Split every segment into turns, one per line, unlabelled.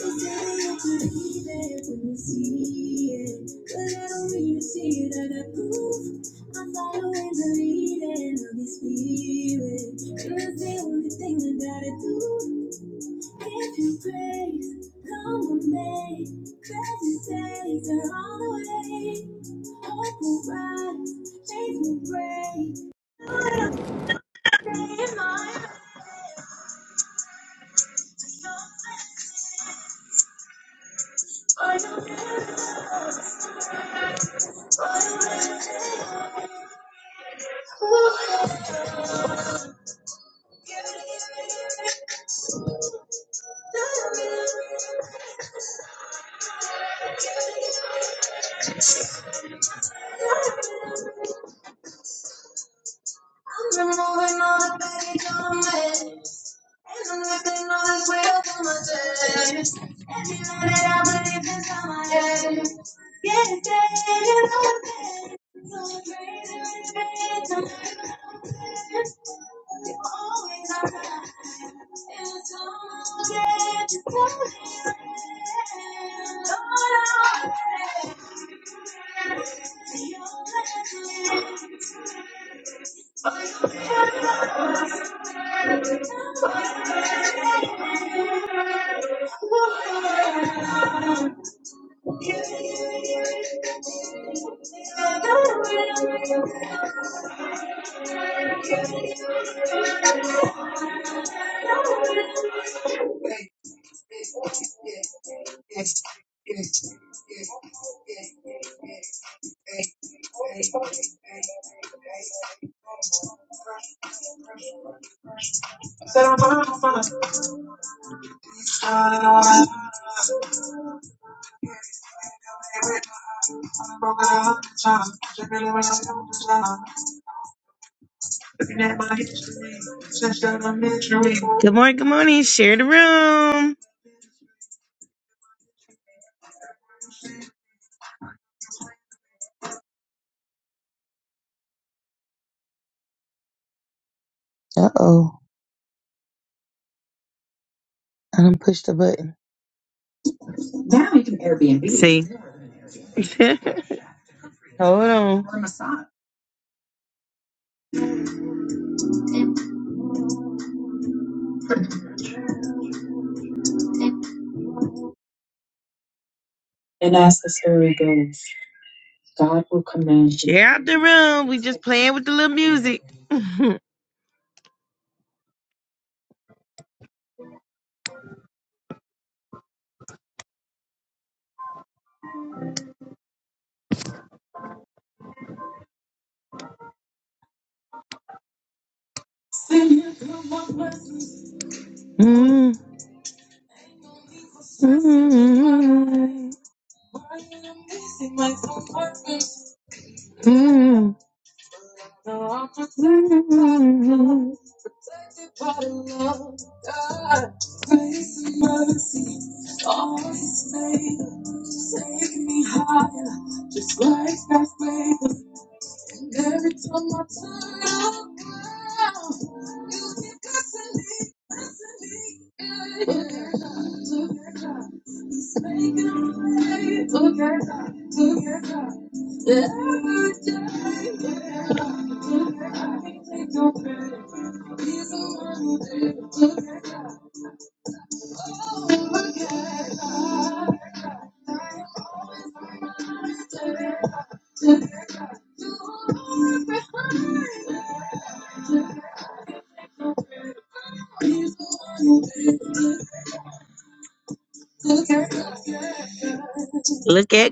Thank you. I'm removing all the petty comments. And I'm lifting all this weight up on my chest. Every lie that I believe inside my head. Yes, it is all pain. So I'm crazy revenge on You always are right. And I don't get to tell me that. Lord, I'm ready. Your plan really Good morning, good morning. Share the room. Uh oh. I done pushed the button. See, hold on. Share out the room. We just playing with the little music. Mm, mm, mm, Protected by the love of God. Grace and mercy always favors. Take me higher, like that favor. And every time I turn around, you keep blessing me, blessing me. Yeah, yeah. Look at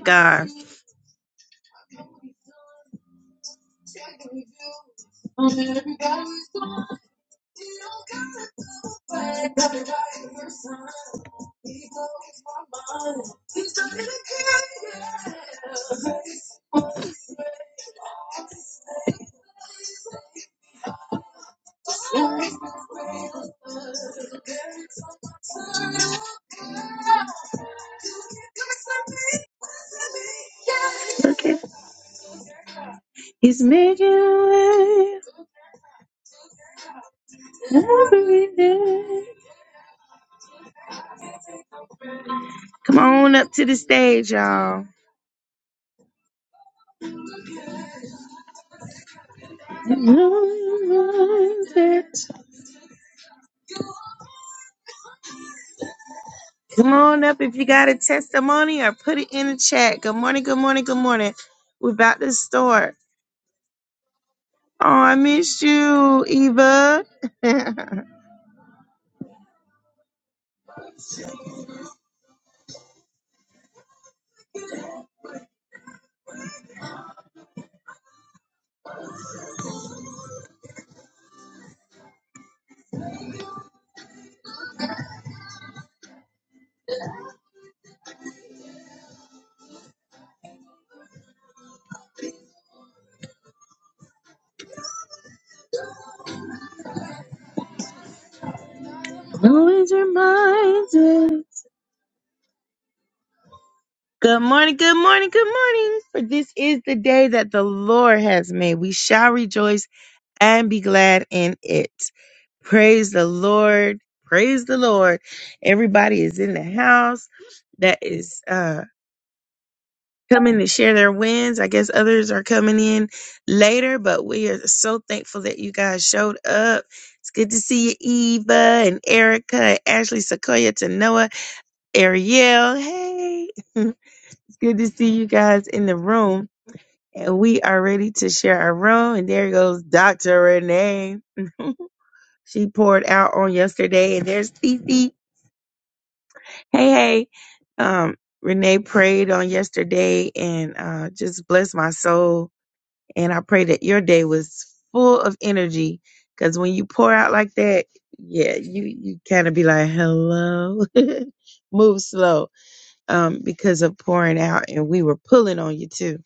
God. Look at He's making a way every day. Come on up to the stage, y'all. Come on up if you got a testimony or put it in the chat. Good morning, good morning, good morning. We're about to start. Oh, I missed you, Eva. Always reminded. Good morning, good morning, good morning. For this is the day that the Lord has made. We shall rejoice and be glad in it. Praise the Lord. Praise the Lord. Everybody is in the house that is uh coming to share their wins. I guess others are coming in later, but we are so thankful that you guys showed up. It's good to see you, Eva and Erica, and Ashley Sequoia to Noah, Ariel. Hey, it's good to see you guys in the room. And we are ready to share our room. And there goes Dr. Renee. she poured out on yesterday. And there's Fifi. Hey, hey. Um, Renee prayed on yesterday and uh, just blessed my soul. And I pray that your day was full of energy because when you pour out like that, yeah, you, you kind of be like, hello, move slow um, because of pouring out. And we were pulling on you too.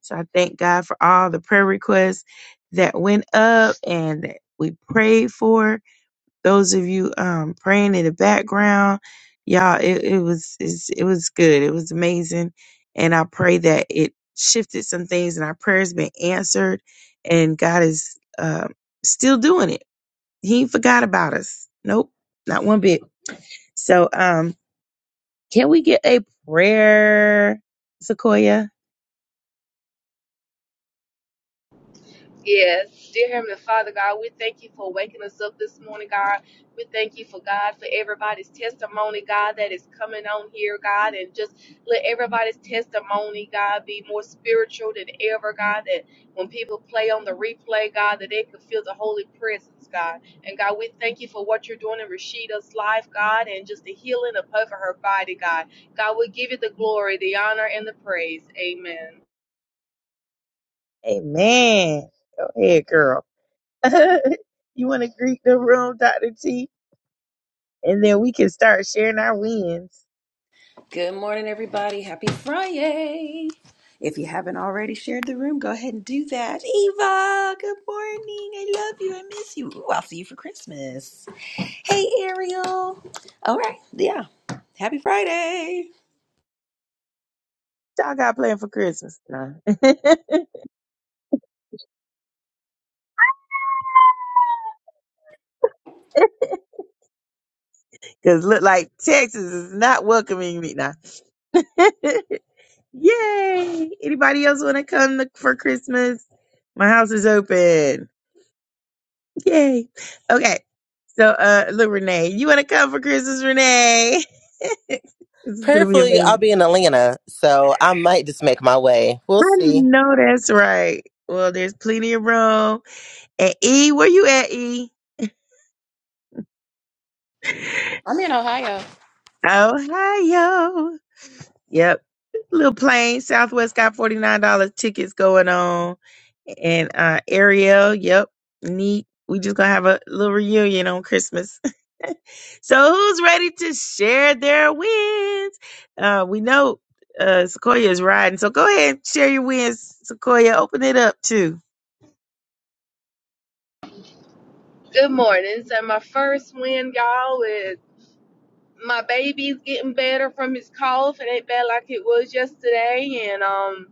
So I thank God for all the prayer requests that went up and that we prayed for those of you um praying in the background y'all it, it was it's- it was good it was amazing and i pray that it shifted some things and our prayers been answered and god is uh, still doing it he ain't forgot about us nope not one bit so um can we get a prayer, Sequoia?
Yes, dear Heavenly Father God, we thank you for waking us up this morning, God. We thank you for God for everybody's testimony, God, that is coming on here, God, and just let everybody's testimony, God, be more spiritual than ever, God. That when people play on the replay, God, that they can feel the holy presence, God. And God, we thank you for what you're doing in Rashida's life, God, and just the healing of her her body, God. God, we give you the glory, the honor, and the praise. Amen.
Amen. Go ahead, girl. you want to greet the room, Dr. T? And then we can start sharing our wins.
Good morning, everybody. Happy Friday. If you haven't already shared the room, go ahead and do that. Eva, good morning. I love you. I miss you. Ooh, I'll see you for Christmas. Hey, Ariel. All right. Yeah. Happy Friday.
y'all got planned for Christmas? Nah. Cause look like Texas is not welcoming me now. Yay! Anybody else want to come look for Christmas? My house is open. Yay! Okay, so uh, look, Renee, you want to come for Christmas, Renee? this is gonna be
Prayerfully, I'll
amazing.
be in Atlanta, so I might just make my way. We'll
I
see.
know that's right. Well, there's plenty of room. And E, where you at, E?
I'm in Ohio.
Ohio. Yep. Little plane. Southwest got $49 tickets going on. And uh Ariel, yep. Neat. We just gonna have a little reunion on Christmas. So who's ready to share their wins? Uh we know uh Sequoia is riding. So go ahead share your wins, Sequoia. Open it up too.
Good morning. So my first win, y'all, is my baby's getting better from his cough. It ain't bad like it was yesterday, and um,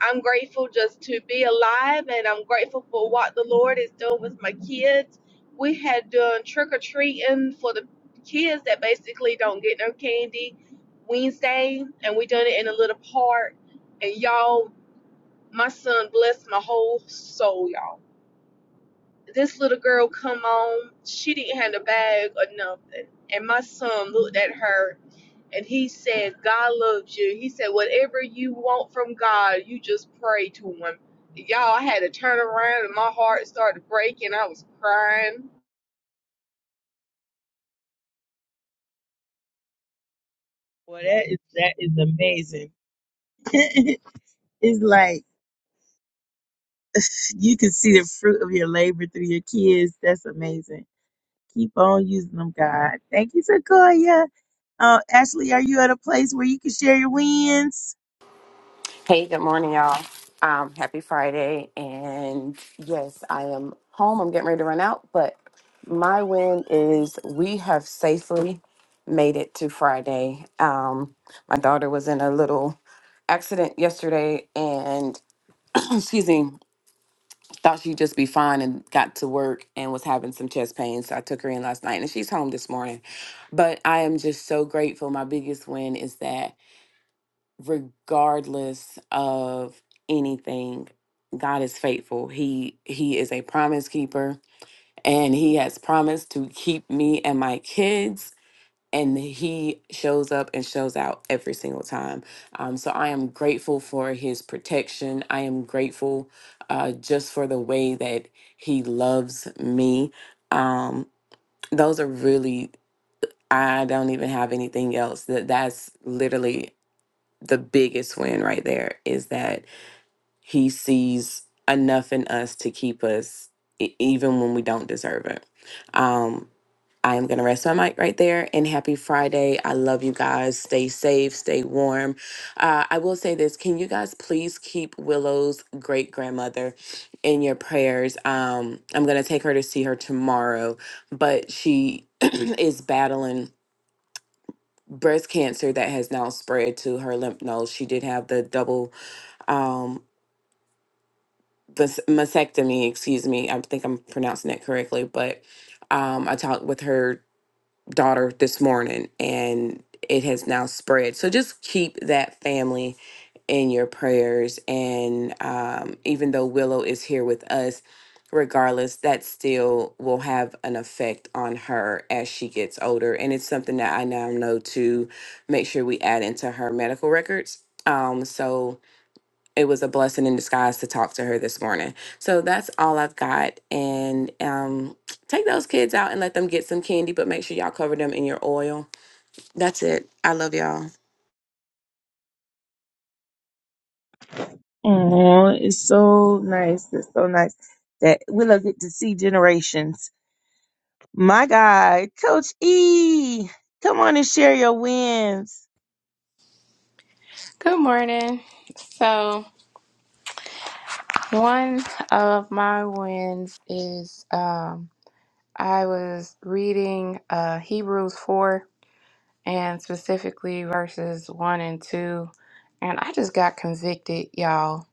I'm grateful just to be alive, and I'm grateful for what the Lord is doing with my kids. We had done trick or treating for the kids that basically don't get no candy Wednesday, and we done it in a little park. And y'all, my son blessed my whole soul, y'all this little girl come on, she didn't have a bag or nothing. And my son looked at her and he said, God loves you. He said, Whatever you want from God, you just pray to him. Y'all I had to turn around and my heart started breaking. I was crying.
Well that is that is amazing. it's like you can see the fruit of your labor through your kids. That's amazing. Keep on using them, God. Thank you, Sequoia. Uh, Ashley, are you at a place where you can share your wins?
Hey, good morning, y'all. Um, happy Friday. And yes, I am home. I'm getting ready to run out, but my win is we have safely made it to Friday. Um, my daughter was in a little accident yesterday and, excuse me, thought she'd just be fine and got to work and was having some chest pain. So I took her in last night and she's home this morning. But I am just so grateful. My biggest win is that regardless of anything god is faithful he he is a promise keeper and he has promised to keep me and my kids and he shows up and shows out every single time um, so i am grateful for his protection i am grateful uh, just for the way that he loves me um, those are really i don't even have anything else that that's literally the biggest win right there is that he sees enough in us to keep us e- even when we don't deserve it. Um, I am going to rest my mic right there and happy Friday. I love you guys. Stay safe, stay warm. Uh, I will say this can you guys please keep Willow's great grandmother in your prayers? Um, I'm going to take her to see her tomorrow, but she is battling breast cancer that has now spread to her lymph nodes. She did have the double um this mastectomy excuse me i think i'm pronouncing it correctly but um i talked with her daughter this morning and it has now spread so just keep that family in your prayers and um even though willow is here with us regardless that still will have an effect on her as she gets older and it's something that i now know to make sure we add into her medical records um so it was a blessing in disguise to talk to her this morning. So that's all I've got. And um, take those kids out and let them get some candy, but make sure y'all cover them in your oil. That's it. I love y'all.
Oh, it's so nice. It's so nice that we'll get to see generations. My God, Coach E, come on and share your wins.
Good morning. So, one of my wins is um, I was reading uh, Hebrews 4 and specifically verses 1 and 2, and I just got convicted, y'all,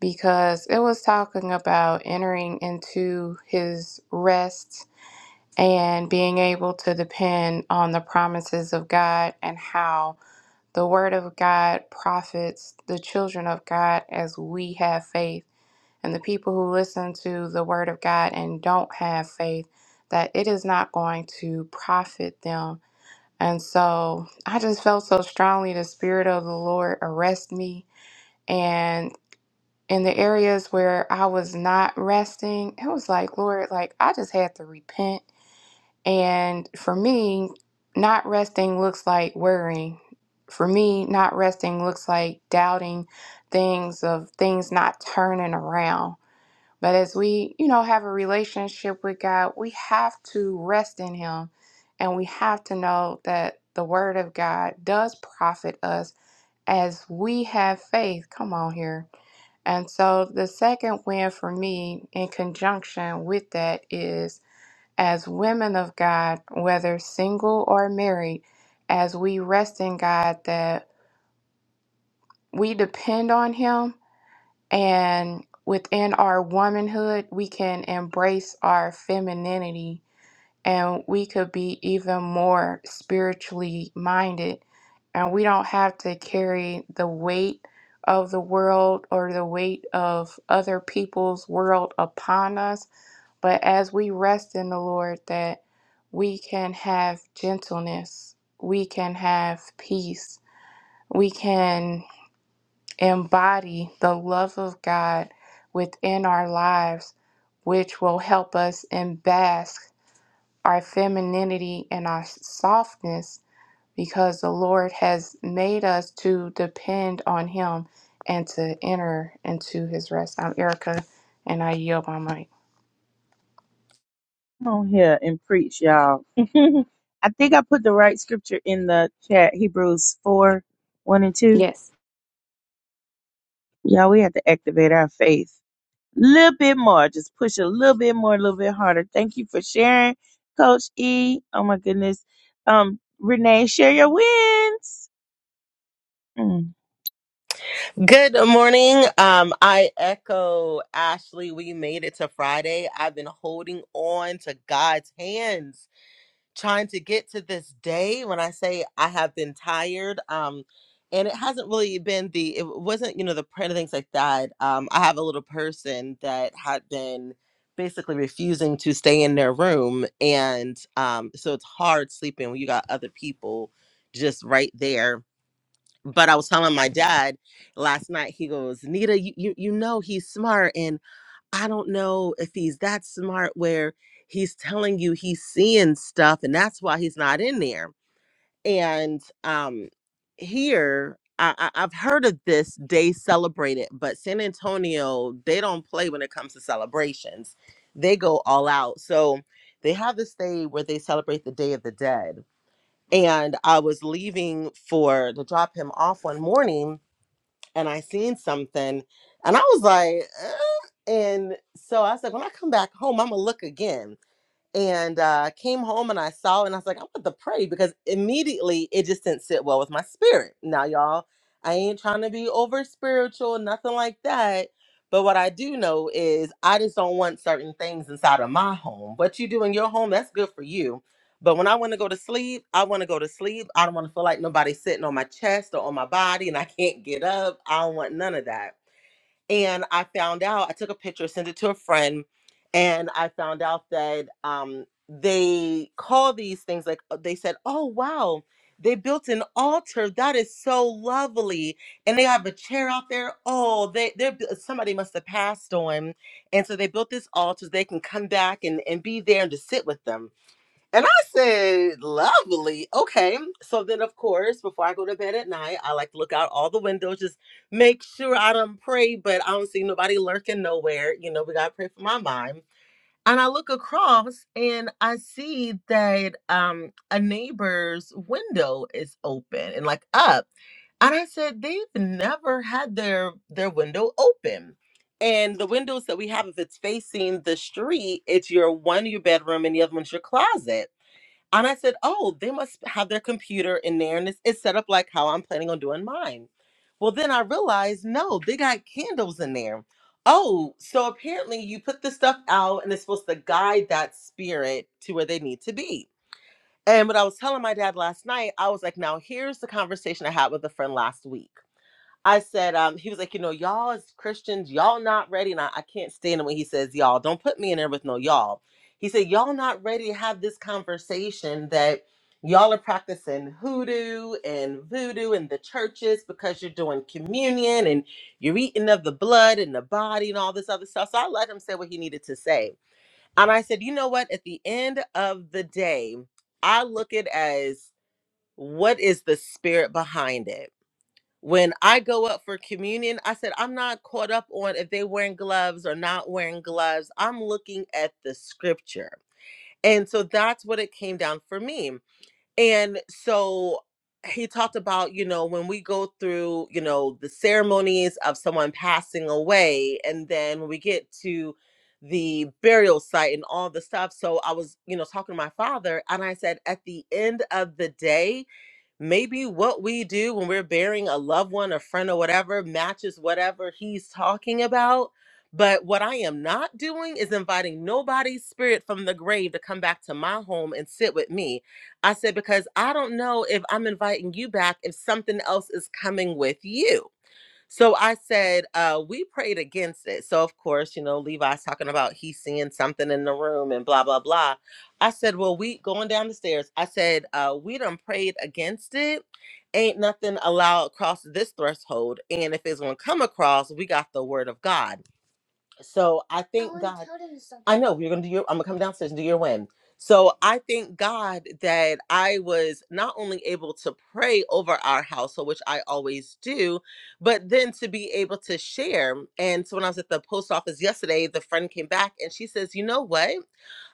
because it was talking about entering into his rest and being able to depend on the promises of God and how. The word of God profits the children of God as we have faith. And the people who listen to the word of God and don't have faith, that it is not going to profit them. And so I just felt so strongly the Spirit of the Lord arrest me. And in the areas where I was not resting, it was like, Lord, like I just had to repent and for me, not resting looks like worrying. For me, not resting looks like doubting things of things not turning around. But as we, you know, have a relationship with God, we have to rest in Him and we have to know that the Word of God does profit us as we have faith. Come on here. And so the second win for me in conjunction with that is as women of God, whether single or married, as we rest in God, that we depend on Him and within our womanhood, we can embrace our femininity and we could be even more spiritually minded. And we don't have to carry the weight of the world or the weight of other people's world upon us but as we rest in the Lord, that we can have gentleness, we can have peace, we can embody the love of God within our lives, which will help us embask our femininity and our softness because the Lord has made us to depend on Him and to enter into His rest. I'm Erica and I yield my mic.
Come on here and preach, y'all. I think I put the right scripture in the chat Hebrews 4 1 and 2.
Yes.
Y'all, we have to activate our faith little bit more. Just push a little bit more, a little bit harder. Thank you for sharing, Coach E. Oh my goodness. Um, Renee, share your wins. Mm.
Good morning. Um, I echo Ashley. We made it to Friday. I've been holding on to God's hands. trying to get to this day when i say i have been tired um and it hasn't really been the it wasn't you know the print of things like that um i have a little person that had been basically refusing to stay in their room and um so it's hard sleeping when you got other people just right there but i was telling my dad last night he goes nita you you, you know he's smart and. I don't know if he's that smart where he's telling you he's seeing stuff and that's why he's not in there. And um here I, I, I've heard of this day celebrated, but San Antonio, they don't play when it comes to celebrations. They go all out. So they have this day where they celebrate the Day of the Dead. And I was leaving for to drop him off one morning and I seen something, and I was like, "Uh," and so I said, when I come back home, I'm gonna look again and uh, came home and I saw it and I was like, I'm about to pray because immediately it just didn't sit well with my spirit. Now, y'all, I ain't trying to be over spiritual, nothing like that. But what I do know is I just don't want certain things inside of my home. What you do in your home, that's good for you. But when I want to go to sleep, I want to go to sleep. I don't want to feel like nobody's sitting on my chest or on my body and I can't get up. I don't want none of that. And I found out, I took a picture, sent it to a friend, and I found out that um, they call these things like uh, they said, oh, wow, they built an altar. That is so lovely. And they have a chair out there. Oh, they, they're bu- somebody must have passed on. And so they built this altar. so They can come back and, and be there and just sit with them and I said, lovely. Okay. So then, of course, before I go to bed at night, I like to look out all the windows, just make sure I don't pray, but I don't see nobody lurking nowhere. You know, we got to pray for my mind. And I look across and I see that um, a neighbor's window is open and like up. And I said, they've never had their their window open. And the windows that we have, if it's facing the street, it's your one your bedroom and the other one's your closet. And I said, oh, they must have their computer in there and it's, it's set up like how I'm planning on doing mine. Well, then I realized, no, they got candles in there. Oh, so apparently you put the stuff out and it's supposed to guide that spirit to where they need to be. And what I was telling my dad last night, I was like, now here's the conversation I had with a friend last week. I said, um, he was like, you know, y'all as Christians, y'all not ready. And I, I can't stand it when he says y'all. Don't put me in there with no y'all. He said, y'all not ready to have this conversation that y'all are practicing hoodoo and voodoo in the churches because you're doing communion and you're eating of the blood and the body and all this other stuff. So I let him say what he needed to say. And I said, you know what? At the end of the day, I look at as what is the spirit behind it? when I go up for communion, I said, I'm not caught up on if they wearing gloves or not wearing gloves. I'm looking at the scripture. And so that's what it came down for me. And so he talked about, you know, when we go through, you know, the ceremonies of someone passing away, and then when we get to the burial site and all the stuff. So I was, you know, talking to my father, and I said, at the end of the day, maybe what we do when we're burying a loved one, a friend, or whatever matches whatever he's talking about. But what I am not doing is inviting nobody's spirit from the grave to come back to my home and sit with me. I said, because I don't know if I'm inviting you back if something else is coming with you so I said, uh, we prayed against it. So of course, you know, Levi's talking about he's seeing something in the room and blah, blah, blah. I said, Well, we going down the stairs, I said, uh, we done prayed against it. Ain't nothing allowed across this threshold. And if it's gonna come across, we got the word of God. So I thank I God. I know you're gonna do your. I'm gonna come downstairs and do your win. So I thank God that I was not only able to pray over our household, which I always do, but then to be able to share. And so when I was at the post office yesterday, the friend came back and she says, "You know what?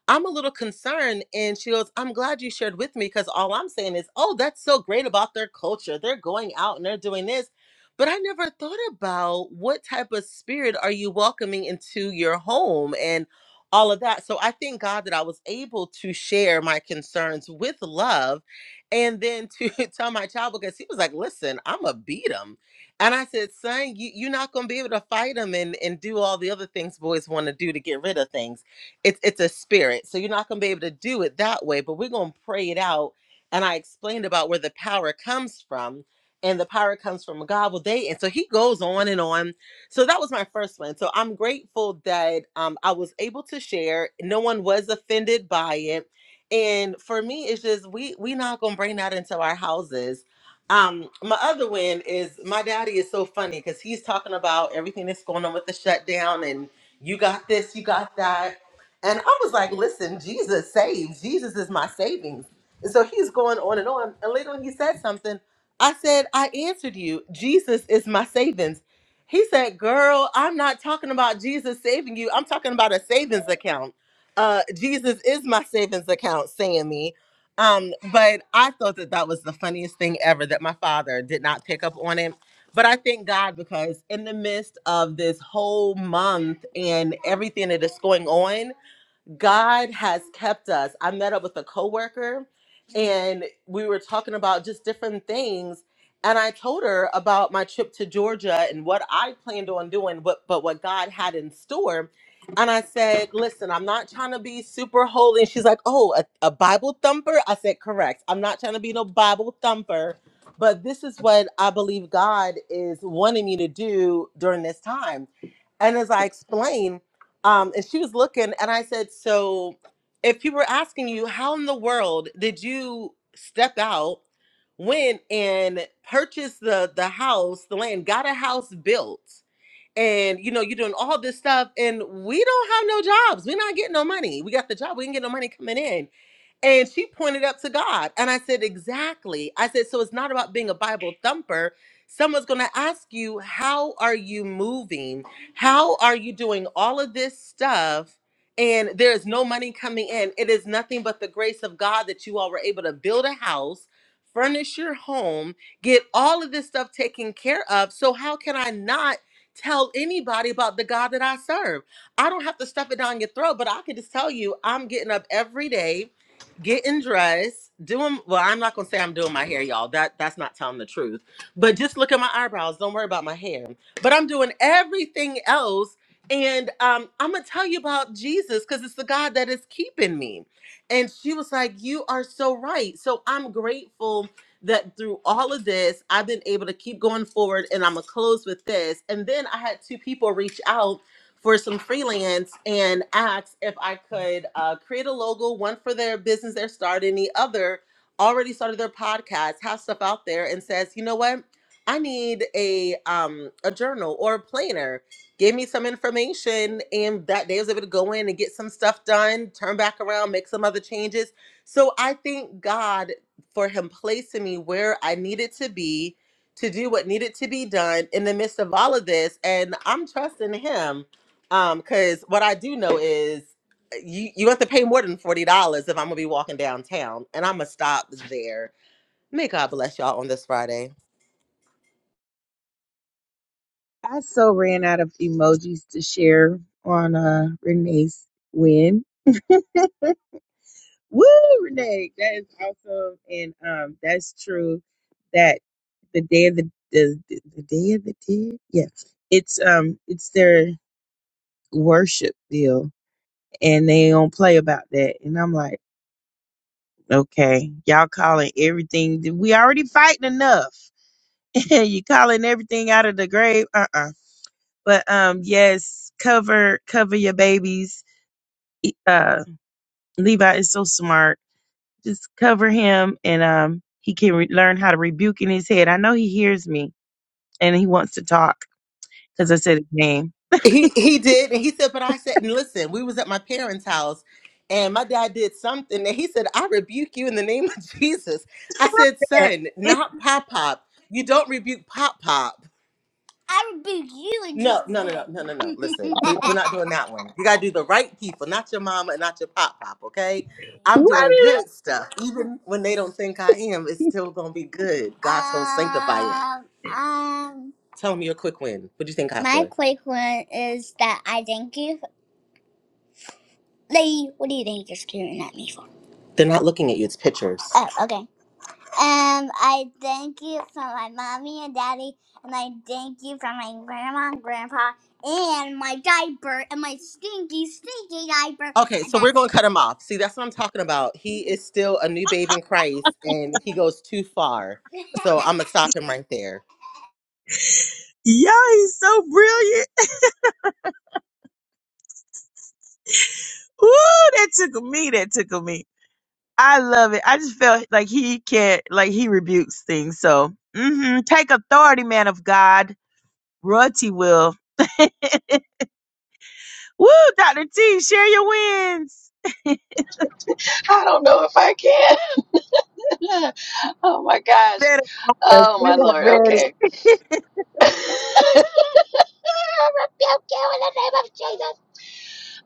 I'm a little concerned. And she goes, I'm glad you shared with me because all I'm saying is, oh, that's so great about their culture. They're going out and they're doing this. But I never thought about what type of spirit are you welcoming into your home and all of that. So I thank God that I was able to share my concerns with love and then to tell my child because he was like, listen, I'm going to beat him. And I said, son, you, you're not going to be able to fight him and, and do all the other things boys want to do to get rid of things it's it's a spirit. So you're not gonna be able to do it that way, but we're gonna pray it out. And I explained about where the power comes from, and the power comes from God. Well, they and so he goes on and on. So that was my first one. So I'm grateful that um I was able to share. No one was offended by it. And for me, it's just we we not gonna bring that into our houses. Um, my other win is my daddy is so funny because he's talking about everything that's going on with the shutdown and you got this, you got that. And I was like, listen, Jesus saves. Jesus is my savings. And so he's going on and on. And later on, he said something. I said, I answered you. Jesus is my savings. He said, girl, I'm not talking about Jesus saving you. I'm talking about a savings account. Uh, Jesus is my savings account, Sammy. Um, but I thought that that was the funniest thing ever that my father did not pick up on it. But I thank God because in the midst of this whole month and everything that is going on, God has kept us. I met up with a coworker and we were talking about just different things. And I told her about my trip to Georgia and what I planned on doing, but, but what God had in store. And I said, Listen, I'm not trying to be super holy. And she's like, Oh, a, a Bible thumper? I said, Correct. I'm not trying to be no Bible thumper, but this is what I believe God is wanting me to do during this time. And as I explained, um, and she was looking, and I said, "So, if people were asking you how in the world did you step out, went and purchased the the house, the land, got a house built, and you know you're doing all this stuff, and we don't have no jobs, we're not getting no money. We got the job, we didn't get no money coming in." And she pointed up to God. And I said, Exactly. I said, So it's not about being a Bible thumper. Someone's going to ask you, How are you moving? How are you doing all of this stuff? And there is no money coming in. It is nothing but the grace of God that you all were able to build a house, furnish your home, get all of this stuff taken care of. So, how can I not tell anybody about the God that I serve? I don't have to stuff it down your throat, but I can just tell you, I'm getting up every day getting dressed, doing well, I'm not gonna say I'm doing my hair, y'all. That that's not telling the truth. But just look at my eyebrows. Don't worry about my hair. But I'm doing everything else. And um, I'm gonna tell you about Jesus because it's the God that is keeping me. And she was like, You are so right. So I'm grateful that through all of this, I've been able to keep going forward. And I'm gonna close with this. And then I had two people reach out for some freelance and asked if I could uh, create a logo, one for their business they're starting, the other already started their podcast, has stuff out there, and says, you know what? I need a um a journal or a planner. Give me some information, and that day I was able to go in and get some stuff done, turn back around, make some other changes. So I thank God for Him placing me where I needed to be to do what needed to be done in the midst of all of this. And I'm trusting Him um, because what I do know is eh, you you have to pay more than forty dollars if I'm gonna be walking downtown, and I'm gonna stop there. May God bless y'all on this Friday.
I so ran out of emojis to share on uh Renee's win. Woo, Renee, that is awesome, and um, that's true. That the day of the the, the day of the dead, yeah, it's um, it's their worship deal, and they don't play about that. And I'm like. Okay. Y'all calling everything. We already fighting enough. you calling everything out of the grave. Uh-uh. But um yes, cover cover your babies. Uh Levi is so smart. Just cover him and um he can re- learn how to rebuke in his head. I know he hears me and he wants to talk cuz I said his name.
He he did, and he said, but I said, and listen, we was at my parents' house, and my dad did something, and he said, I rebuke you in the name of Jesus. I said, son, not pop pop. You don't rebuke pop pop. I rebuke you in No, Jesus' no, no, no, no, no, no. Listen, we, we're not doing name. that one. You gotta do the right people, not your mama and not your pop pop. Okay, I'm doing
What?
good stuff, even when they don't think I am. It's still gonna be good. God's gonna sanctify it. Um, um, Tell me your quick win. What do you think I my said? quick one is that I thank you. lady. what do you think you're staring at me for? They're not looking at you. It's pictures. Oh, okay. Um, I thank you for my mommy and daddy, and I thank you for my grandma and grandpa, and my diaper, and my stinky, stinky diaper. Okay, so we're going to cut him off. See, that's what I'm talking about. He is still a new babe in Christ and he goes too far. So I'm going to stop him right there.
Y'all, he's so brilliant. Woo, that tickled me. That tickled me. I love it. I just felt like he can't, like he rebukes things. So, hmm take authority, man of God. Royalty will. Woo, Dr. T, share your wins.
I don't know if I can. oh my gosh.
That
Oh
we are
Lord.
ready.
Okay. I love Jesus.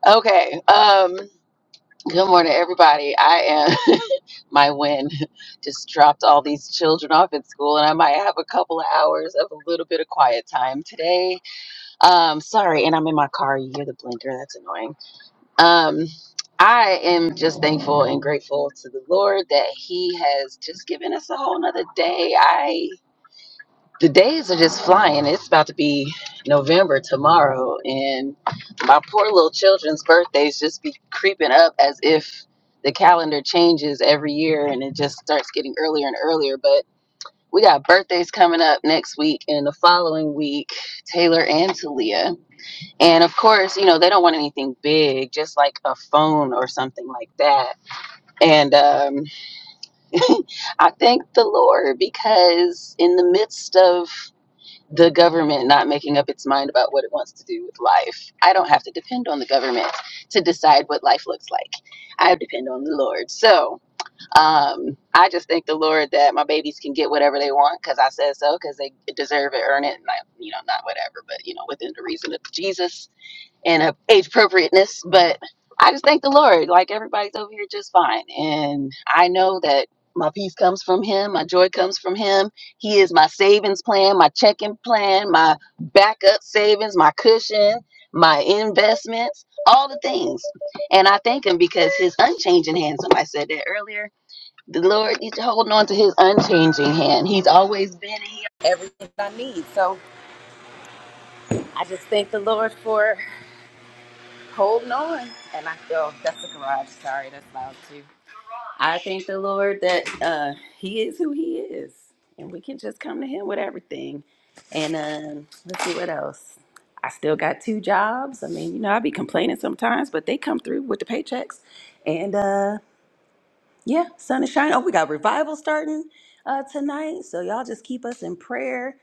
Okay. Um. Good morning, everybody. I am my win. Just dropped all these children off at school, and I might have a couple of hours of a little bit of quiet time today. Um, sorry, and I'm in my car. You hear the blinker? That's annoying. Um, I am just thankful and grateful to the Lord that He has just given us a whole nother day. I the days are just flying. It's about to be November tomorrow, and my poor little children's birthdays just be creeping up as if the calendar changes every year and it just starts getting earlier and earlier. But we got birthdays coming up next week and the following week, Taylor and Talia. And of course, you know, they don't want anything big, just like a phone or something like that. And um, I thank the Lord because in the midst of the government not making up its mind about what it wants to do with life. I don't have to depend on the government to decide what life looks like. I depend on the Lord. So um, I just thank the Lord that my babies can get whatever they want because I said so, because they deserve it, earn it, and I, you know, not whatever, but you know, within the reason of Jesus and uh, age appropriateness. But I just thank the Lord. Like everybody's over here just fine. And I know that my peace comes from Him, my joy comes from Him. He is my savings plan, my checking plan, my backup savings, my cushion, my investments, all the things. And I thank Him because His unchanging hand, somebody said that earlier. The Lord, He's holding on to His unchanging hand. He's always been and He everything I need. So I just thank the Lord for holding on. And I feel that's the garage. Sorry, that's loud too. I thank the Lord that uh, He is who He is, and we can just come to Him with everything. And um, let's see what else. I still got two jobs. I mean, you know, I be complaining sometimes, but they come through with the paychecks, and uh, yeah, sun is shining. Oh, we got revival starting uh, tonight. So y'all just keep us in prayer.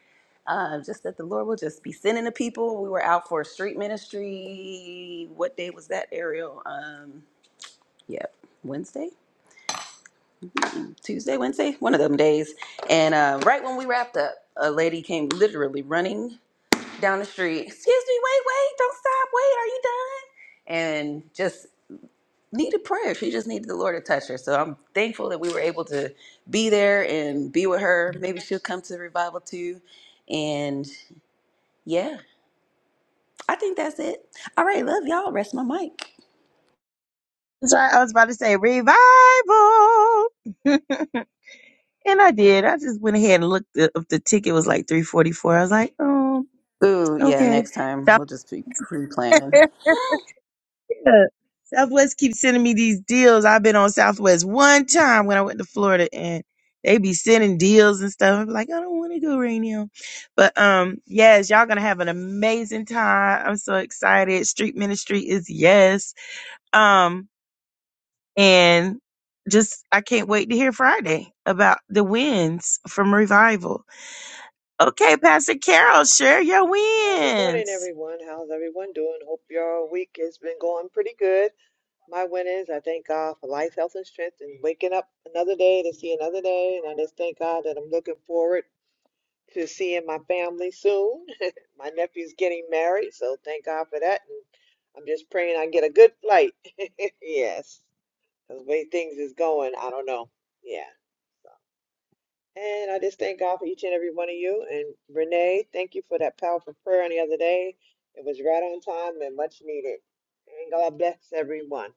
Uh, just that the Lord will just be sending the people. We were out for a street ministry. What day was that, Ariel? Um, yeah, Wednesday, Mm, Tuesday, Wednesday, one of them days. And uh, right when we wrapped up, a lady came literally running down the street. Excuse me, wait, wait, don't stop, wait, are you done? And just needed prayer. She just needed the Lord to touch her. So I'm thankful that we were able to be there and be with her. Maybe she'll come to the revival too. And yeah, I think that's it. All right, love y'all. Rest my mic.
That's right. I was about to say revival. and I did. I just went ahead and looked up the ticket was like 344. I was like, oh,
Ooh, yeah,
okay.
next time
So
we'll just be pre planning.
Yeah. Southwest keeps sending me these deals. I've been on Southwest one time when I went to Florida and they be sending deals and stuff. I'm like, I don't want to go right now. But um, yes, y'all gonna have an amazing time. I'm so excited. Street ministry is yes. Um, and just I can't wait to hear Friday about the wins from revival. Okay, Pastor Carol, share your
Uh, good morning,
wins.
everyone. How's everyone doing? Hope your week has been going pretty good. My win is I thank God for life, health, and strength, and waking up another day to see another day. And I just thank God that I'm looking forward to seeing my family soon. my nephew's getting married, so thank God for that. And I'm just praying I get a good flight. yes, 'cause the way things is going, I don't know. Yeah. so. And I just thank God for each and every one of you. And Renee, thank you for that powerful prayer on the other day. It was right on time and much needed. And God bless everyone.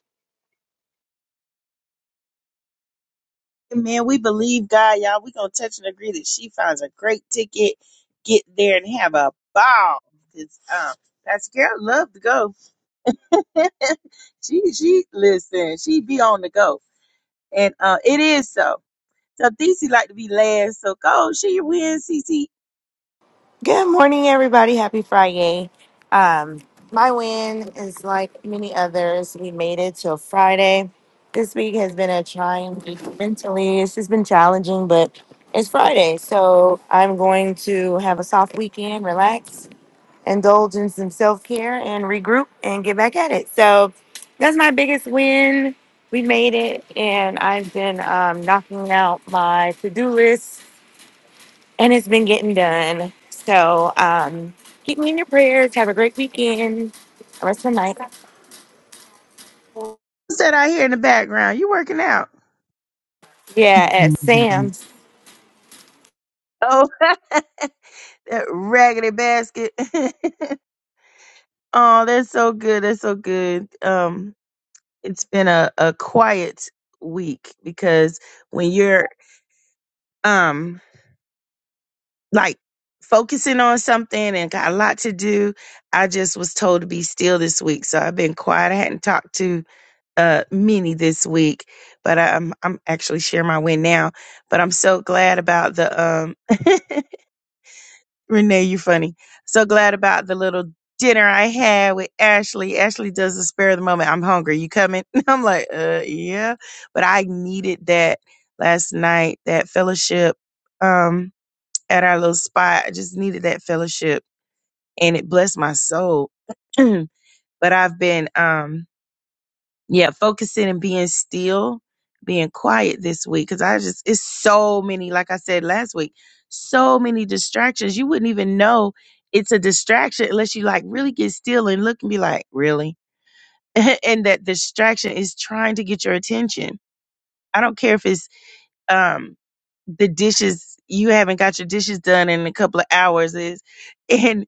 Man, we believe God, y'all. we going to touch and agree that she finds a great ticket, get there and have a ball. 'Cause Cause, um, Pastor Carol love to go. she, she, listen, she be on the go. And, uh, it is so. So DC like to be last. So go, she win, CC.
Good morning, everybody. Happy Friday. Um, my win is like many others. We made it till Friday. This week has been a trying week mentally. It's just been challenging, but it's Friday. So I'm going to have a soft weekend, relax, indulge in some self care, and regroup and get back at it. So that's my biggest win. We made it, and I've been um, knocking out my to do list and it's been getting done. So um, keep me in your prayers. Have a great weekend. Rest of the night.
What's that I hear in the background? You working out.
Yeah, at Sam's.
oh, that raggedy basket. Oh, that's so good. That's so good. Um, it's been a, a quiet week because when you're um like focusing on something and got a lot to do, I just was told to be still this week. So I've been quiet. I hadn't talked to uh many this week, but I'm I'm actually sharing my win now. But I'm so glad about the um Renee, you funny. So glad about the little dinner I had with Ashley. Ashley does the spare of the moment. I'm hungry. You coming? I'm like, uh, yeah. But I needed that last night, that fellowship um, at our little spot. I just needed that fellowship and it blessed my soul. but I've been um yeah, focusing and being still, being quiet this week because I just it's so many. Like I said last week, so many distractions. You wouldn't even know it's a distraction unless you like really get still and look and be like, really. and that distraction is trying to get your attention. I don't care if it's um the dishes you haven't got your dishes done in a couple of hours is and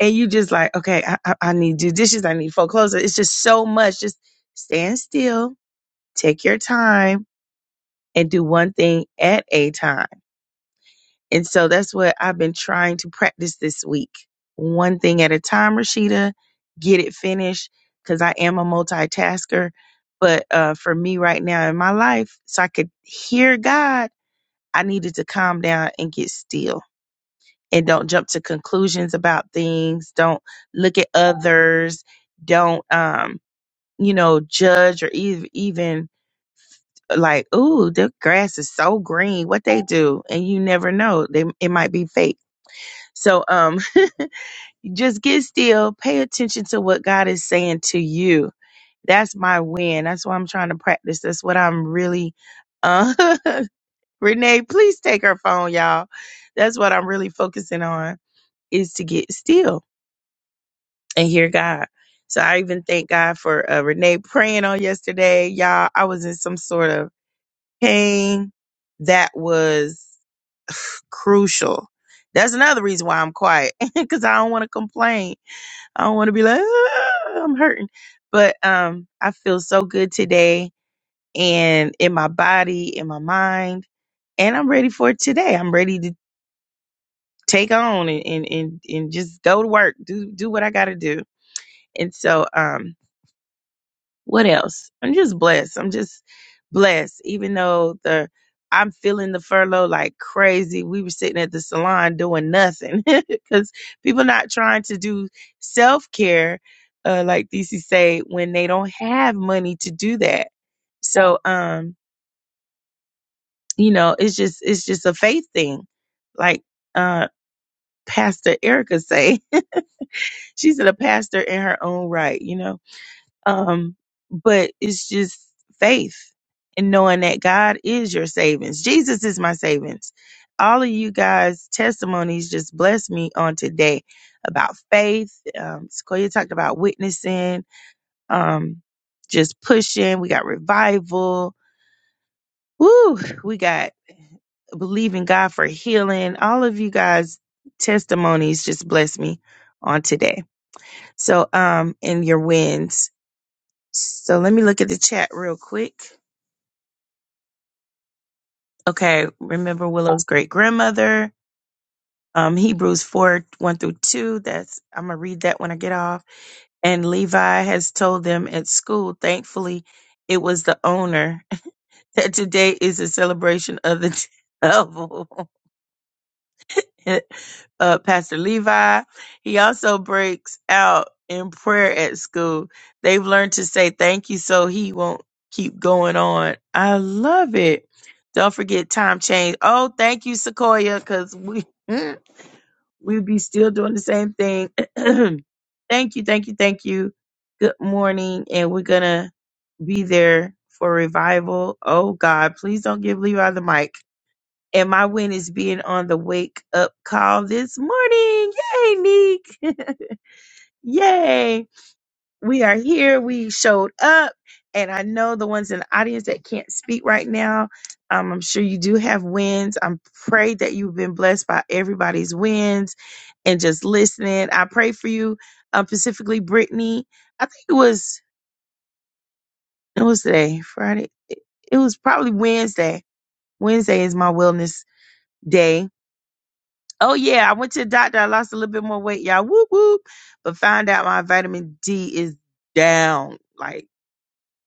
and you just like okay I, I, I need to do dishes i need to fold clothes it's just so much just stand still Take your time and do one thing at a time. And so that's what I've been trying to practice this week. One thing at a time, Rashida, get it finished because I am a multitasker. But uh, for me right now in my life, so I could hear God, I needed to calm down and get still and don't jump to conclusions about things. Don't look at others. Don't, um, you know, judge or ev- even like, ooh, the grass is so green. What they do, and you never know. They it might be fake. So um, just get still. Pay attention to what God is saying to you. That's my win. That's what I'm trying to practice. That's what I'm really. Uh, Renee, please take her phone, y'all. That's what I'm really focusing on is to get still and hear God. So I even thank God for uh, Renee praying on yesterday, y'all. I was in some sort of came that was crucial. That's another reason why I'm quiet because I don't want to complain. I don't want to be like "Ah, I'm hurting, but um, I feel so good today and in my body, in my mind, and I'm ready for today. I'm ready to take on and and and, and just go to work, do do what I got to do. And so um, what else? I'm just blessed. I'm just blessed. Even though the I'm feeling the furlough like crazy. We were sitting at the salon doing nothing because people not trying to do self care, uh, like DC say, when they don't have money to do that. So, um, you know, it's just it's just a faith thing, like uh, Pastor Erica say. She's a pastor in her own right, you know Um, but it's just faith and knowing that God is your savings. Jesus is my savings. All of you guys' testimonies just blessed me on today about faith. Um, Sequoia talked about witnessing, um, just pushing. We got revival. Woo! We got believing God for healing. All of you guys' testimonies just blessed me on today. So, um, and your wins. So let me look at the chat real quick. Okay, remember Willow's great grandmother. Um, Hebrews 4 1 through 2. That's I'm gonna read that when I get off. And Levi has told them at school, thankfully, it was the owner that today is a celebration of the devil. uh, Pastor Levi. He also breaks out in prayer at school. They've learned to say thank you so he won't keep going on. I love it. Don't forget time change. Oh, thank you, Sequoia, because we we'd be still doing the same thing. thank you, thank you, thank you. Good morning, and we're gonna be there for revival. Oh God, please don't give Levi the mic. And my win is being on the wake up call this morning. Yay, Neek. Yay. We are here. We showed up. And I know the ones in the audience that can't speak right now. Um, I'm sure you do have wins. I'm prayed that you've been blessed by everybody's wins and just listening. I pray for you, um, specifically Brittany. I think it was it was today, Friday. It, it was probably Wednesday. Wednesday is my wellness day Oh yeah, I went to the doctor. I lost a little bit more weight, y'all. Whoop whoop. But found out my vitamin D is down. Like,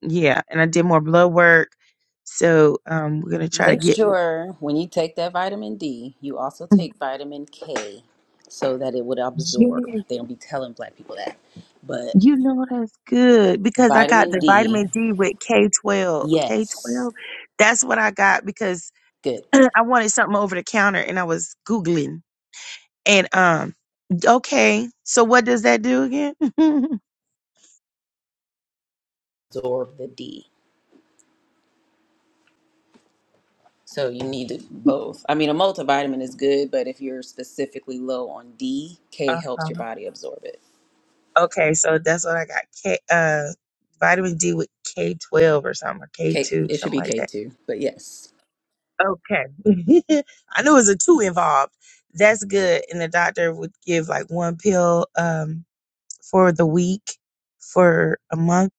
yeah. And I did more blood work. So um we're gonna try to
Make
get
sure when you take that vitamin D, you also take vitamin K so that it would
Yes.
absorb. They don't be telling black people that. But
You know that's good because I got
vitamin
the
D,
vitamin D with K twelve. K
yes,
twelve. That's what I got because
good.
I wanted something over the counter and I was Googling. And um okay, so what does that do again?
Absorb the D. So you need both. I mean, a multivitamin is good, but if you're specifically low on D, K
Uh huh.
helps your body absorb it.
Okay, so that's what I got. K uh vitamin D with K twelve or something, or K
K,
two,
it should
something
be
like that.
K2, but yes.
Okay. I knew it was a two involved. That's good. And the doctor would give like one pill um for the week for a month.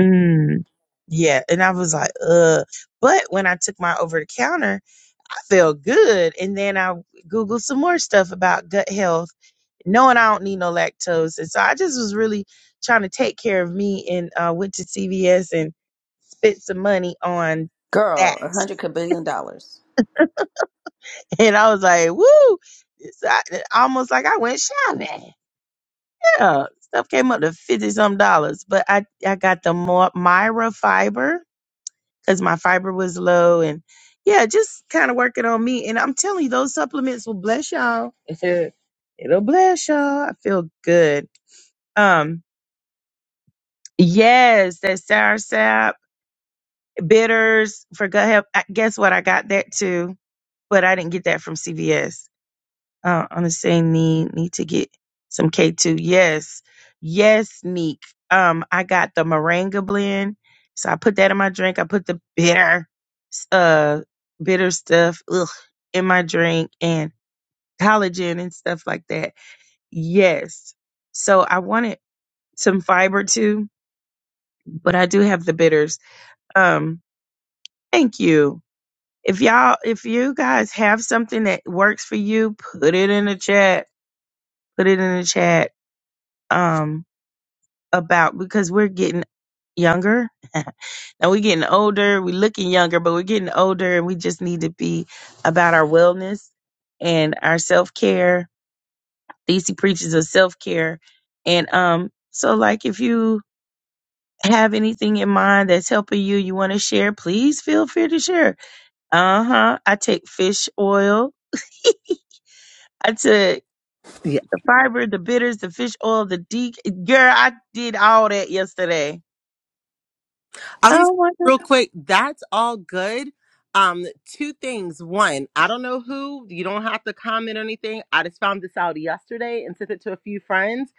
Mm, yeah. And I was like, uh but when I took my over the counter, I felt good. And then I Googled some more stuff about gut health knowing I don't need no lactose. And so I just was really trying to take care of me and uh, went to CVS and spent some money on
Girl,
that.
a hundred kabillion dollars.
And I was like, woo! It's I, almost like I went shopping. Yeah, stuff came up to fifty some dollars, but I I got the Mo- Myra fiber because my fiber was low, and yeah, just kind of working on me. And I'm telling you, those supplements will bless y'all. It'll bless y'all. I feel good. Um, Yes, that sour sap, bitters, forgot help. I- Guess what? I got that too, but I didn't get that from CVS. Uh, I'm just saying, need need to get some K2. Yes, yes, Neek. Um, I got the moringa blend, so I put that in my drink. I put the bitter, uh, bitter stuff, ugh, in my drink and collagen and stuff like that. Yes, so I wanted some fiber too, but I do have the bitters. Um, Thank you. If y'all, if you guys have something that works for you, put it in the chat. Put it in the chat. Um, about because we're getting younger. now we're getting older. We're looking younger, but we're getting older, and we just need to be about our wellness and our self care. DC preaches of self care, and um, so like if you have anything in mind that's helping you, you want to share, please feel free to share. Uh huh. I take fish oil I took the fiber, the bitters, the fish oil, the D. Girl, I did all that yesterday.
I was
Oh my God.
real quick. That's all good. Um, two things. One, I don't know who. You don't have to comment or anything. I just found this out yesterday and sent it to a few friends.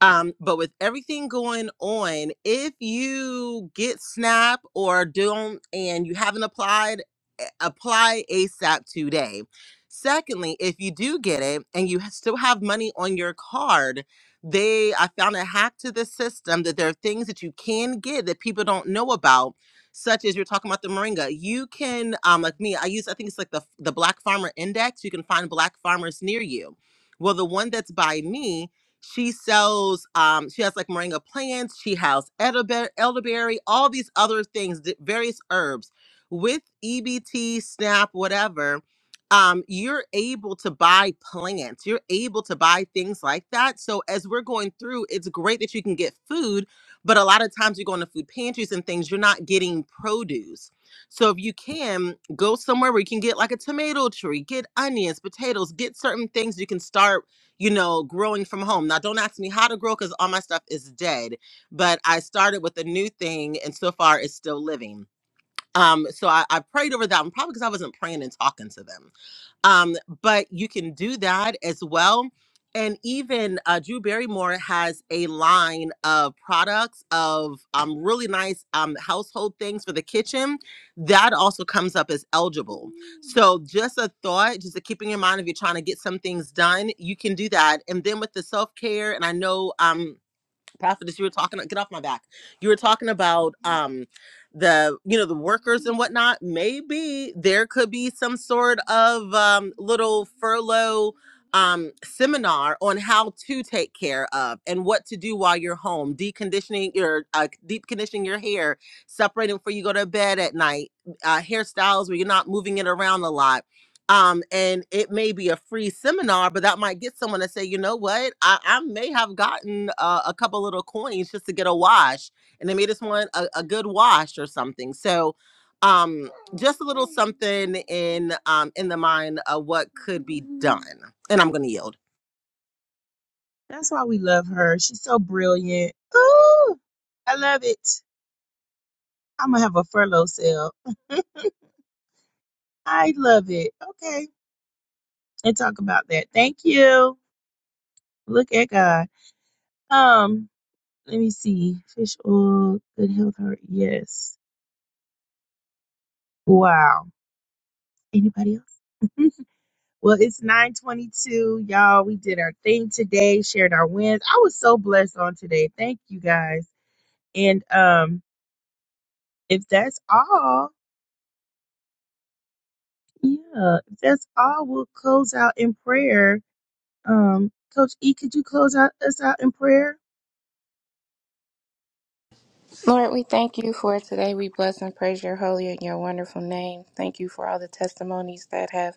Um, but with everything going on, if you get SNAP or don't and you haven't applied, a- apply ASAP today. Secondly, if you do get it and you ha- still have money on your card, they, I found a hack to this system that there are things that you can get that people don't know about, such as you're talking about the moringa. You can, um, like me, I use, I think it's like the the Black Farmer Index. You can find Black farmers near you. Well, the one that's by me, she sells um she has like moringa plants she has elderberry, elderberry all these other things di- various herbs with ebt snap whatever um, you're able to buy plants, you're able to buy things like that. So, as we're going through, it's great that you can get food, but a lot of times you go into food pantries and things, you're not getting produce. So, if you can go somewhere where you can get like a tomato tree, get onions, potatoes, get certain things you can start, you know, growing from home. Now, don't ask me how to grow because all my stuff is dead, but I started with a new thing and so far it's still living. Um, so I, I prayed over that one, probably because I wasn't praying and talking to them um, but you can do that as well. And even uh, Drew Barrymore has a line of products of um, really nice um, household things for the kitchen. That also comes up as eligible. So, just a thought, just to keeping in mind if you're trying to get some things done, you can do that. And then with the self care, and I know. Um, prophetess you were talking get off my back you were talking about um the you know the workers and whatnot maybe there could be some sort of um little furlough um seminar on how to take care of and what to do while you're home deconditioning your uh, deep conditioning your hair separating before you go to bed at night uh hairstyles where you're not moving it around a lot um, and it may be a free seminar, but that might get someone to say, you know what, I, I may have gotten uh, a couple little coins just to get a wash, and they made this want a, a good wash or something. So, um, just a little something in um in the mind of what could be done. And I'm gonna yield.
That's why we love her. She's so brilliant. Ooh, I love it. I'm going to have a furlough sale. I love it. Okay. And talk about that. Thank you. Look at God. Um, let me see. Fish oil, good health, heart. Yes. Wow. Anybody else? Well, it's 922. Y'all, we did our thing today, shared our wins. I was so blessed on today. Thank you guys. And um, if that's all, yeah, if that's all, we'll close out in prayer. Um, Coach E, could you close out us out in prayer?
Lord, we thank you for today. We bless and praise your holy and your wonderful name. Thank you for all the testimonies that have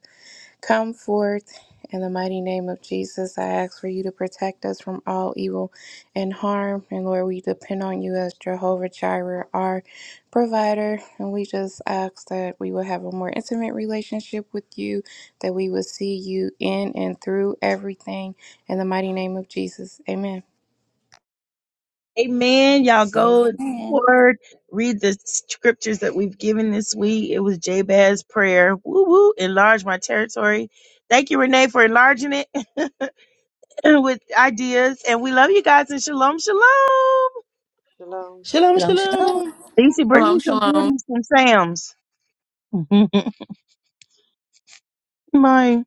come forth. In the mighty name of Jesus, I ask for you to protect us from all evil and harm. And Lord, we depend on you as Jehovah Jireh, our provider. And we just ask that we will have a more intimate relationship with you, that we will see you in and through everything. In the mighty name of Jesus, amen.
Amen. Y'all go in the
Amen.
word, read the scriptures that we've given this week. It was Jabez's prayer. Woo woo, enlarge my territory. Thank you, Renee, for enlarging it. with ideas. And we love you guys. And shalom, shalom.
Shalom,
Shalom,
Shalom,
shalom.
shalom.
shalom.
Lisa, bring
Shalom,
me some
shalom.
goodies from Sam's. Bye.